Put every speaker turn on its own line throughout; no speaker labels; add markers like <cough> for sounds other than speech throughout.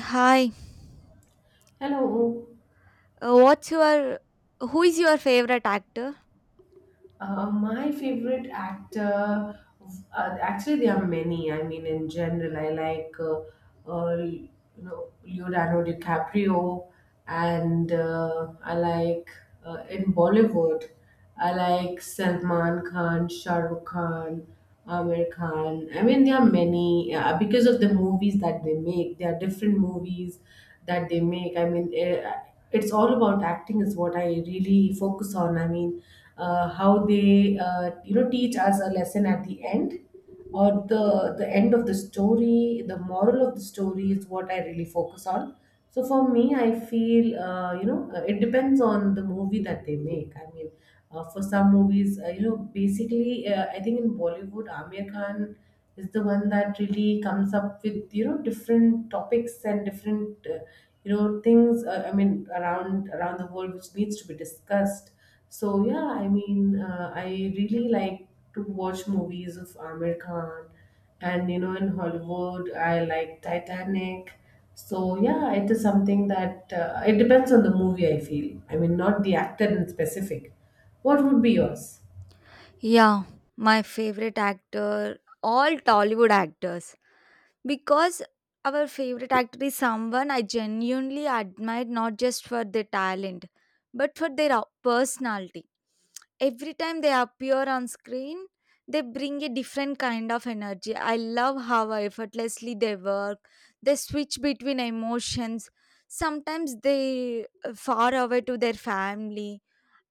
Hi.
Hello.
What's your Who is your favorite actor?
My favorite actor, actually, there are many. I mean, in general, I like, uh, you Leonardo DiCaprio, and I like in Bollywood, I like Salman Khan, Shah Rukh Khan. Amir Khan. I mean, there are many because of the movies that they make. There are different movies that they make. I mean, it's all about acting, is what I really focus on. I mean, how they you know, teach us a lesson at the end or the end of the story, the moral of the story is what I really focus on. So for me, I feel, you know, it depends on the movie that they make. I mean, for some movies, you know, basically I think in Bollywood, Amir Khan is the one that really comes up with, you know, different topics and different, you know, things, I mean, around the world, which needs to be discussed. So yeah, I mean, I really like to watch movies of Amir Khan, and you know, in Hollywood, I like Titanic. So yeah, it is something that, it depends on the movie, I feel. I mean, not the actor in specific. What would be yours?
Yeah, my favorite actor all Tollywood actors. Because our favorite actor is someone I genuinely admire not just for their talent, but for their personality. Every time they appear on screen, they bring a different kind of energy. I love how effortlessly they work. They switch between emotions. Sometimes they far away to their family,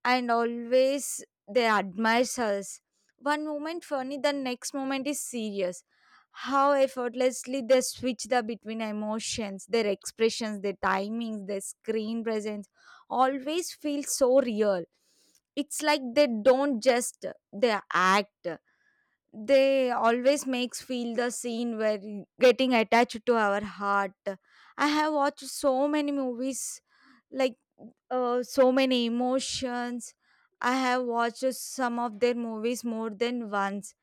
and always they admire us. One moment funny, the next moment is serious. How effortlessly they switch the between emotions, their expressions, their timings, their screen presence always feels so real. It's like they don't just they act. They always makes feel the scene where getting attached to our heart. I have watched so many movies like so many emotions. I have watched some of their movies more than once,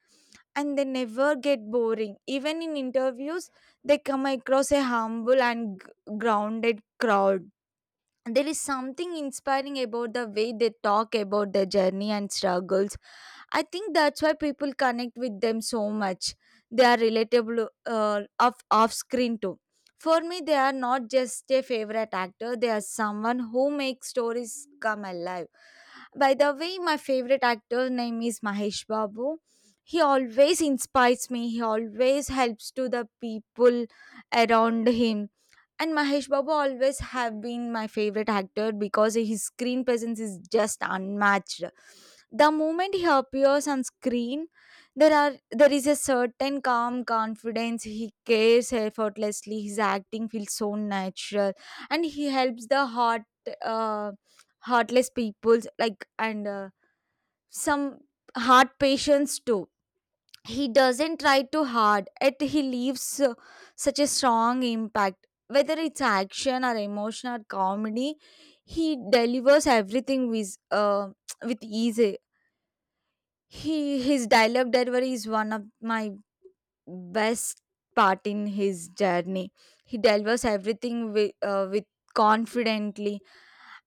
and they never get boring. Even in interviews, they come across a humble and grounded crowd. There is something inspiring about the way they talk about their journey and struggles. I think that's why people connect with them so much. They are relatable, off screen too. For me, they are not just a favorite actor. They are someone who makes stories come alive. By the way, my favorite actor name is Mahesh Babu. He always inspires me. He always helps to the people around him. And Mahesh Babu always have been my favorite actor because his screen presence is just unmatched. The moment he appears on screen, there is a certain calm confidence. He cares effortlessly. His acting feels so natural, and he helps the heart uh, heartless people like, and some heart patients too. He doesn't try too hard. Yet he leaves such a strong impact. Whether it's action or emotion or comedy, he delivers everything with <tsk> with ease. He his dialogue delivery is one of my best part in his journey. He delivers everything with confidently,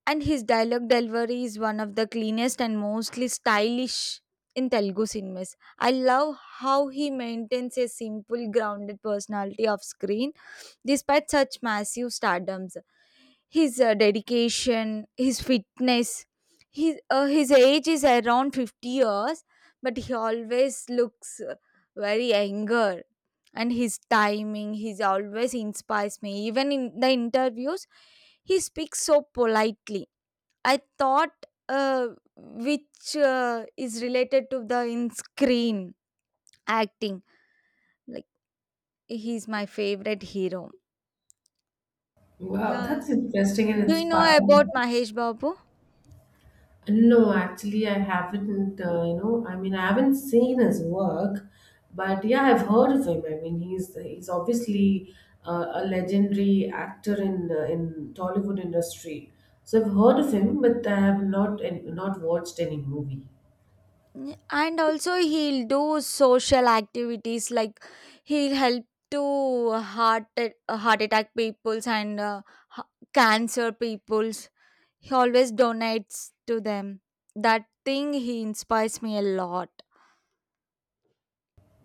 and his dialogue delivery is one of the cleanest and mostly stylish in Telugu cinemas. I love how he maintains a simple, grounded personality off screen. Despite such massive stardoms, his dedication, his fitness, his age is around 50 years, but he always looks very younger. And his timing, he always inspires me. Even in the interviews, he speaks so politely. I thought, uh, which is related to the in screen acting. Like, he's my favorite hero.
Wow,
Yeah,
that's interesting and
do you know
inspiring.
about Mahesh Babu?
No, actually, I haven't. You know, I mean, I haven't seen his work, but yeah, I've heard of him. I mean, he's obviously a legendary actor in, in Tollywood industry. So I've heard of him, but I have not watched any movie.
Mm, and also, he'll do social activities like he'll help to heart attack peoples, and h- cancer peoples. He always donates to them. That thing he inspires me a lot.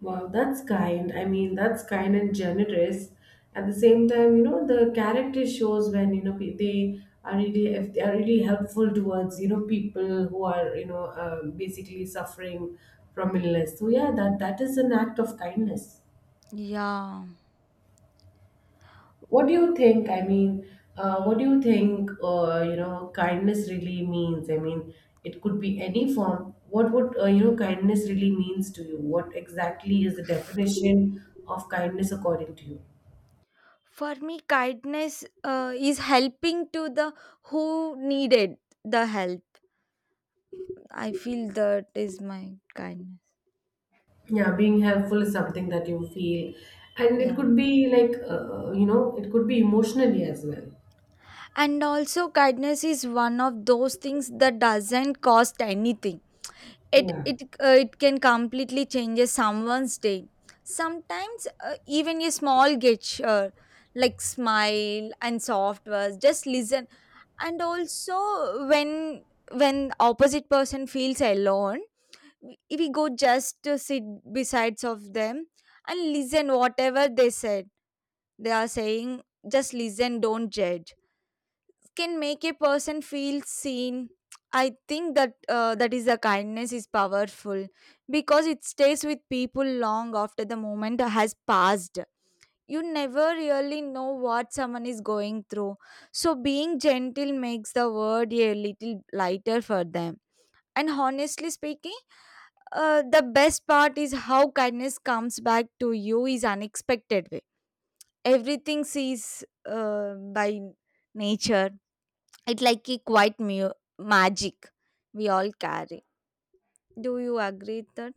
Wow, that's kind. I mean, that's kind and generous. At the same time, you know, the character shows when, you know, they are really, if they are really helpful towards, you know, people who are, you know, basically suffering from illness. So yeah, that is an act of kindness.
Yeah.
What do you think? I mean, what do you think? You know, kindness really means. I mean, it could be any form. What would, you know, kindness really means to you? What exactly is the definition of kindness according to you?
For me, kindness is helping to the who needed the help. I feel that is my kindness.
Yeah, being helpful is something that you feel, and it
Yeah.
could be like, you know, it could be emotionally as well.
And also, kindness is one of those things that doesn't cost anything. it
Yeah.
it uh, it can completely change someone's day. Sometimes even a small gesture like smile and soft words, just listen. And also, when when opposite person feels alone, we go just to sit besides of them and listen whatever they are saying, just listen, don't judge, can make a person feel seen. I think that is the kindness is powerful, because it stays with people long after the moment has passed. You never really know what someone is going through, so being gentle makes the world a little lighter for them. And honestly speaking, the best part is how kindness comes back to you is unexpected way. Everything sees by nature. It' like a quite magic we all carry. Do you agree with that?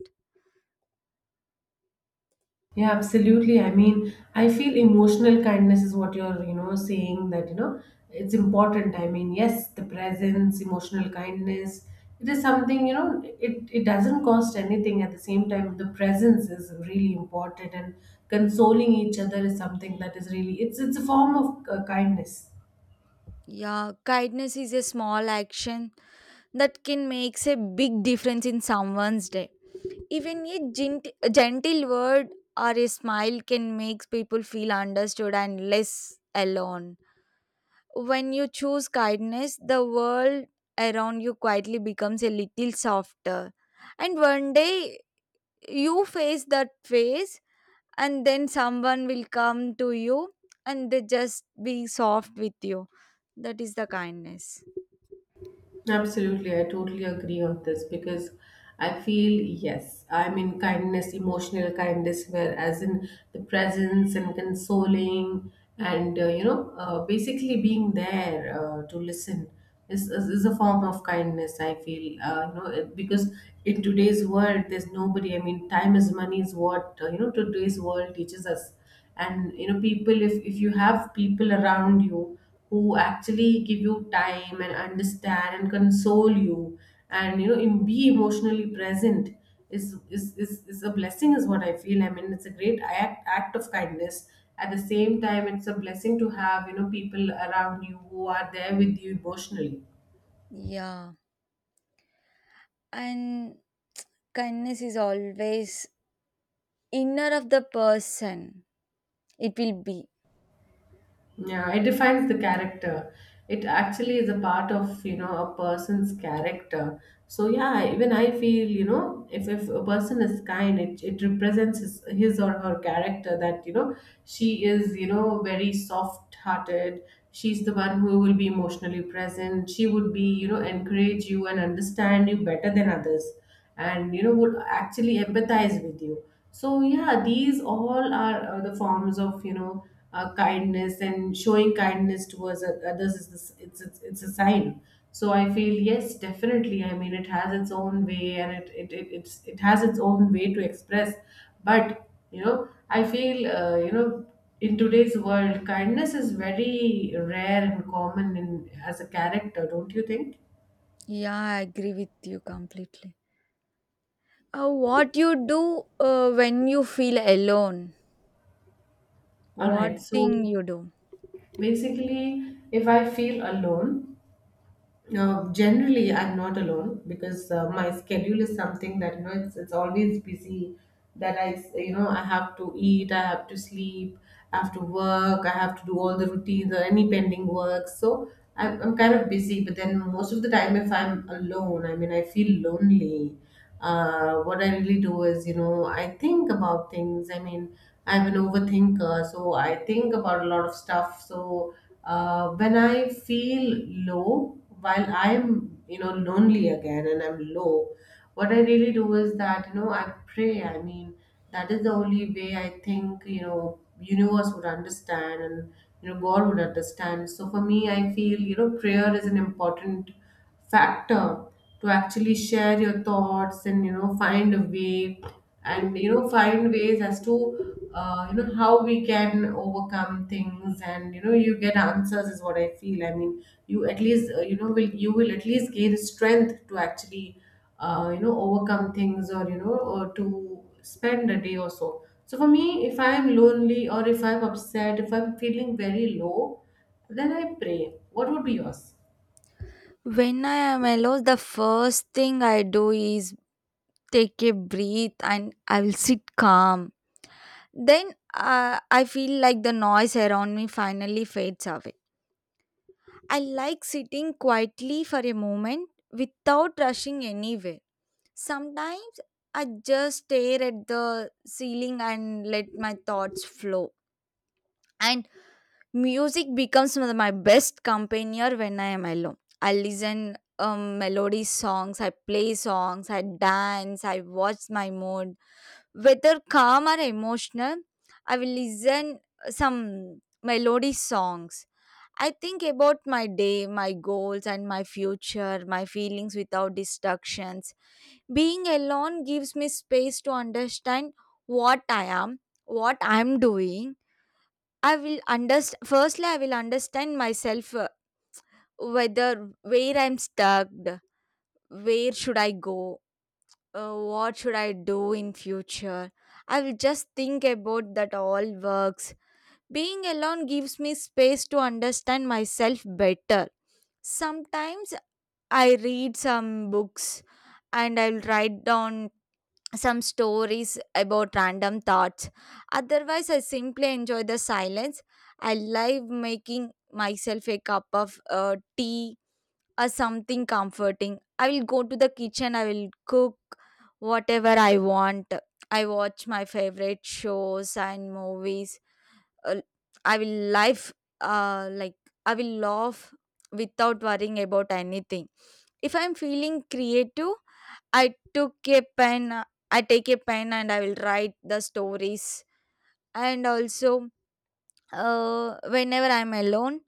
Yeah, absolutely. I mean, I feel emotional kindness is what you're, you know, saying that, you know, it's important. I mean, yes, the presence, emotional kindness, it is something, you know, it doesn't cost anything. At the same time, the presence is really important, and consoling each other is something that is really, it's a form of, kindness.
Yeah, kindness is a small action that can makes a big difference in someone's day. Even a a gentle word or a smile can make people feel understood and less alone. When you choose kindness, the world around you quietly becomes a little softer. And one day you face that phase, and then someone will come to you and they just be soft with you. That is the kindness.
Absolutely, I totally agree on this because I feel yes, I mean, kindness, emotional kindness, whereas in the presence and consoling and, you know, basically being there, to listen is, is a form of kindness. I feel, you know, because in today's world, there's nobody. I mean, time is money is what, you know, today's world teaches us. And you know, people, if you have people around you who actually give you time and understand and console you and you know, be emotionally present is, is a blessing is what I feel. I mean, it's a great act of kindness. At the same time, it's a blessing to have, you know, people around you who are there with you emotionally.
Yeah. And kindness is always inner of the person, it will be.
Yeah, it defines the character. It actually is a part of, you know, a person's character. So yeah, even I feel, you know, if a person is kind, it represents his or her character that, you know, she is, you know, very soft-hearted. She's the one who will be emotionally present. She would be, you know, encourage you and understand you better than others, and you know, would actually empathize with you. So yeah, these all are, the forms of, you know, kindness, and showing kindness towards others is this, it's a sign. So I feel yes, definitely. I mean, it has its own way, and it has its own way to express. But you know, I feel, you know, in today's world, kindness is very rare and common in as a character, don't you think?
Yeah, I agree with you completely. What you do when you feel alone?
All
What
right,
thing
so
you do?
basically, if I feel alone, generally I'm not alone because my schedule is something that, you know, it's always busy. That I, you know, I have to eat, I have to sleep, I have to work, I have to do all the routines or any pending work. So I'm kind of busy. But then most of the time, if I'm alone, I mean, I feel lonely. What I really do is, you know, I think about things. I mean, I'm an overthinker, so I think about a lot of stuff. So when I feel low, while I'm, you know, lonely again and I'm low, what I really do is that, you know, I pray. I mean, that is the only way, I think, you know, universe would understand and, you know, God would understand. So for me, I feel, you know, prayer is an important factor to actually share your thoughts and, you know, find a way, and you know, find ways as to, you know, how we can overcome things, and you know, you get answers, is what I feel. I mean, you at least, you know, will you will at least gain strength to actually, you know, overcome things, or you know, or to spend a day or so. So for me, if I am lonely or if I'm upset, if I'm feeling very low, then I pray. What would be yours?
When I am alone, the first thing I do is take a breath and I will sit calm. Then I feel like the noise around me finally fades away. I like sitting quietly for a moment without rushing anywhere. Sometimes I just stare at the ceiling and let my thoughts flow. And music becomes one of my best companion when I am alone. I listen melody songs, I play songs, I dance, I watch my mood. Whether calm or emotional, I will listen some melody songs. I think about my day, my goals, and my future, my feelings without distractions. Being alone gives me space to understand what I am, what I'm doing. I will understand. Firstly, I will understand myself, whether where I'm stuck, where should I go, what should I do in future. I will just think about that all works. Being alone gives me space to understand myself better. Sometimes I read some books, and I'll write down some stories about random thoughts. Otherwise, I simply enjoy the silence. I love making myself a cup of tea or something comforting. I will go to the kitchen, I will cook whatever I want. I watch my favorite shows and movies. Uh, I will life uh, like I will laugh without worrying about anything. If I'm feeling creative, I took a pen. I take a pen and I will write the stories. And also, whenever I'm alone,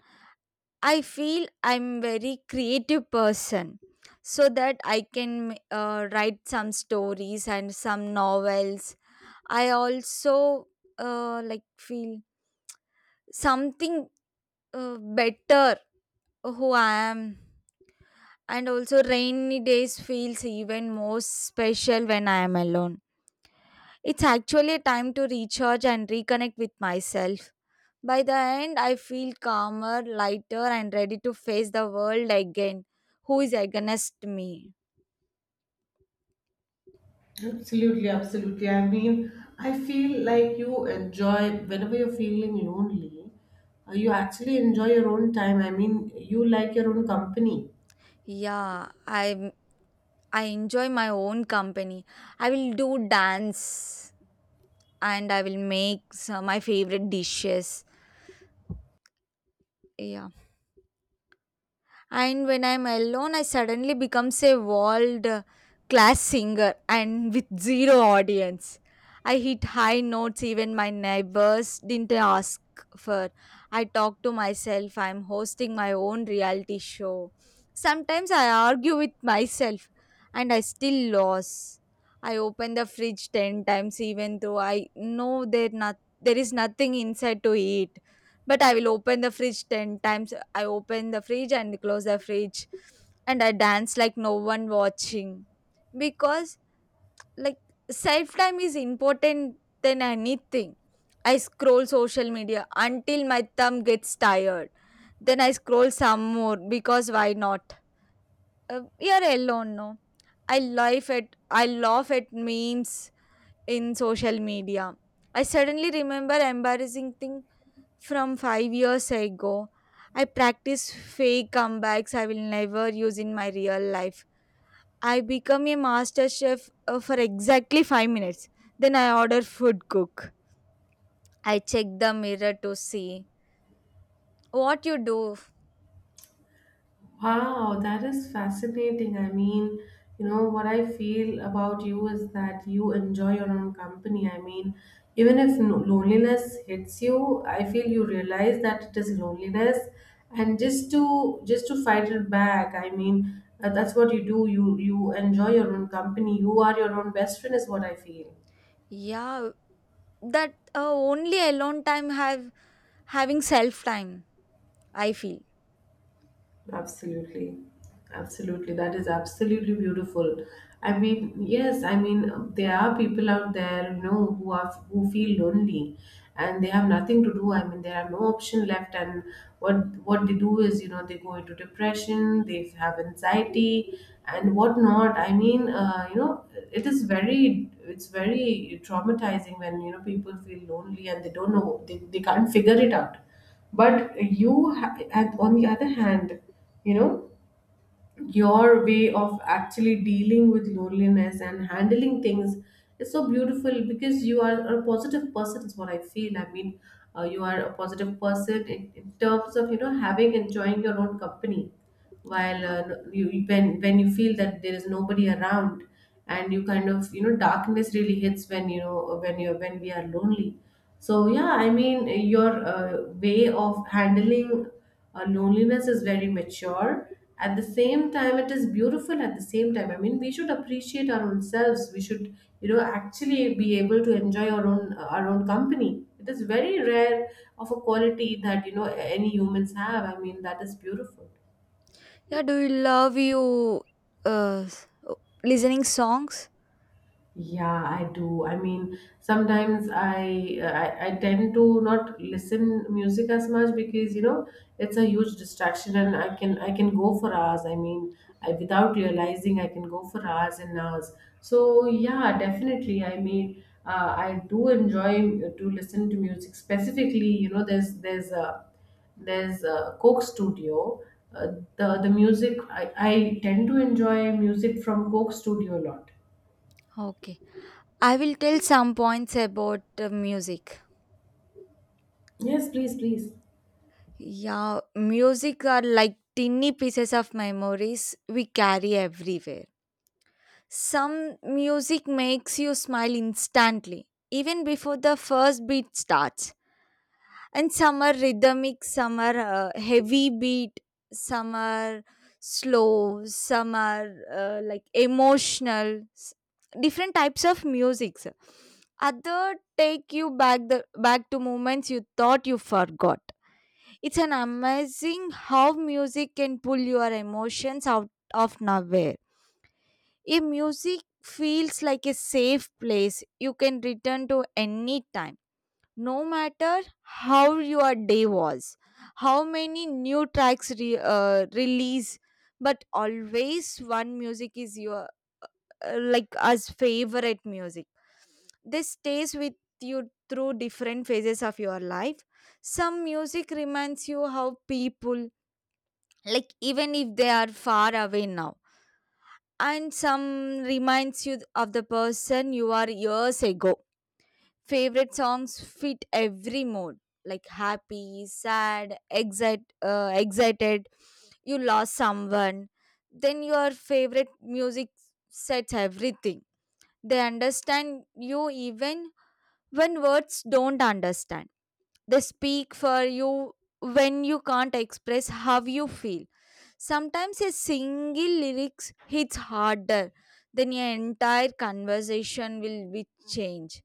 I feel I'm very creative person, so that I can write some stories and some novels. I also like feel something better who I am. And also, rainy days feels even more special when I am alone. It's actually a time to recharge and reconnect with myself. By the end, I feel calmer, lighter, and ready to face the world again. Who is against me?
Absolutely, absolutely. I mean, I feel like you enjoy, whenever you're feeling lonely, you actually enjoy your own time. I mean, you like your own company.
Yeah, I enjoy my own company. I will do dance, and I will make some my favorite dishes. Yeah. And when I'm alone, I suddenly becomes a world class singer, and with zero audience I hit high notes even my neighbors didn't ask for. I talk to myself, I'm hosting my own reality show. Sometimes I argue with myself, and I still lose. I open the fridge 10 times even though I know there is nothing inside to eat, but I will open the fridge 10 times. I open the fridge and close the fridge, and I dance like no one watching, because like self time is important than anything. I scroll social media until my thumb gets tired. Then I scroll some more because why not? We are alone, no? I laugh at memes in social media. I suddenly remember embarrassing thing from 5 years ago. I practice fake comebacks I will never use in my real life. I become a master chef for exactly 5 minutes. Then I order food cook. I check the mirror to see what you do.
Wow, that is fascinating. I mean, you know, what I feel about you is that you enjoy your own company. I mean, even if loneliness hits you, I feel you realize that it is loneliness, and just to fight it back. I mean, that's what you do. You enjoy your own company. You are your own best friend is what I feel.
Yeah, that only alone time have having self time, I feel.
Absolutely. Absolutely. That is absolutely beautiful. I mean, yes, I mean, there are people out there, you know, who are, who feel lonely and they have nothing to do. I mean, there are no option left, and what what they do is, you know, they go into depression, they have anxiety and whatnot. I mean, you know, it is very, it's very traumatizing when, you know, people feel lonely and they don't know, they can't figure it out. But you at, on the other hand, you know, your way of actually dealing with loneliness and handling things is so beautiful because you are a positive person, is what I feel. I mean, you are a positive person in terms of, you know, having, enjoying your own company while,
Yeah.
you, when you feel that there is nobody around, and you kind of, you know, darkness really hits when, you know, when we are lonely. So yeah, I mean, your, way of handling, loneliness is very mature. At the same time, it is beautiful. At the same time, I mean, we should appreciate our own selves. We should, you know, actually be able to enjoy our own company. It is very rare of a quality that, you know, any humans have. I mean, that is beautiful.
Yeah, do you love you uh, s- o- listening songs?
Yeah, I do. I mean, sometimes I tend to not listen music as much because, you know, it's a huge distraction, and I can go for hours. I mean, I, without realizing, I can go for hours and hours. So yeah, definitely. I mean, I do enjoy to listen to music specifically. You know, there's a Coke Studio. The music I tend to enjoy music from Coke Studio a lot.
Okay. I will tell some points about music.
Yes, please, please.
Yeah, music are like tiny pieces of memories we carry everywhere. Some music makes you smile instantly, even before the first beat starts. And some are rhythmic, some are heavy beat, some are slow, some are like emotional different types of music, sir. Other take you back to moments you thought you forgot. It's an amazing how music can pull your emotions out of nowhere. If music feels like a safe place you can return to any time, no matter how your day was, how many new tracks release, but always one music is your like as favorite music. This stays with you through different phases of your life. Some music reminds you how people, like, even if they are far away now, and some reminds you of the person you are years ago. Favorite songs fit every mood like happy, sad, excited. You lost someone, then your favorite music sets everything. They understand you even when words don't understand. They speak for you when you can't express how you feel. Sometimes a single lyrics hits harder than your entire conversation will be changed.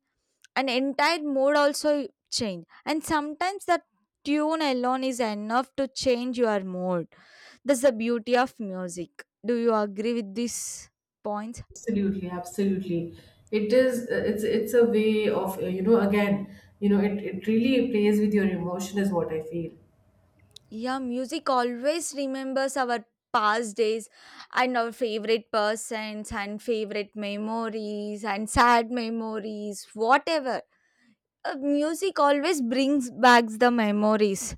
An entire mood also change, and sometimes the tune alone is enough to change your mood. That's the beauty of music. Do you agree with these points?
Absolutely, absolutely. It is. It's a way of, you know, again, you know, it really plays with your emotion is what I feel.
Yeah, music always remembers our past days and our favorite persons and favorite memories and sad memories whatever. Music always brings back the memories.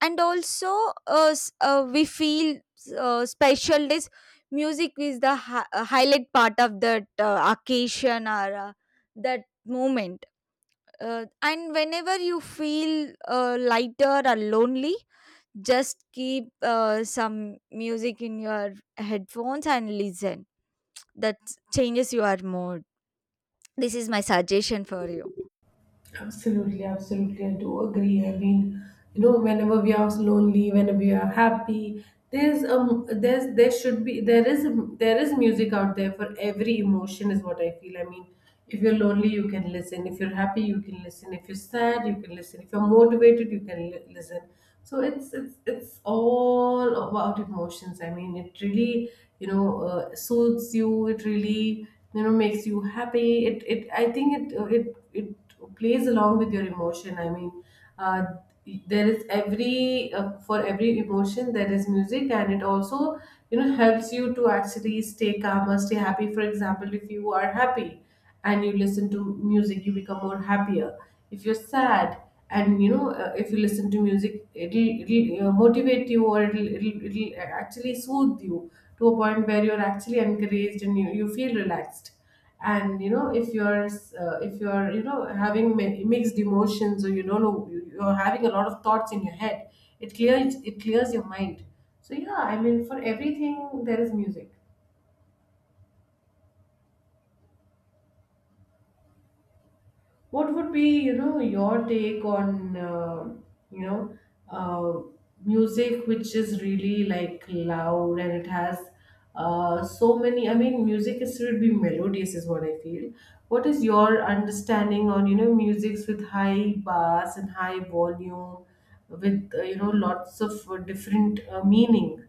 And also, we feel special days music is the highlight part of that occasion or that moment. And whenever you feel lighter or lonely, just keep some music in your headphones and listen, that changes your mood. This is my suggestion for you.
Absolutely, absolutely. I do agree. I mean, you know, whenever we are lonely, whenever we are happy, there's there should be there is music out there for every emotion, is what I feel. I mean, if you're lonely, you can listen. If you're happy, you can listen. If you're sad, you can listen. If you're motivated, you can listen. So it's all about emotions. I mean, it really, you know, soothes you. It really, you know, makes you happy. It I think it, it plays along with your emotion. I mean, uh, there is every, for every emotion there is music, and it also, you know, helps you to actually stay calmer, stay happy. For example, if you are happy and you listen to music, you become more happier. If you're sad, and you know, if you listen to music, it'll motivate you, or it'll actually soothe you to a point where you're actually encouraged and you feel relaxed. And you know, if you're, if you're, you know, having mixed emotions, or you don't know, you're having a lot of thoughts in your head, it clears your mind. So yeah, I mean, for everything there is music. What would be, you know, your take on, you know, uh, music which is really like loud and it has, so many. I mean, music is should be melodious, is what I feel. What is your understanding on, you know, musics with high bass and high volume, with, you know, lots of, different, meaning?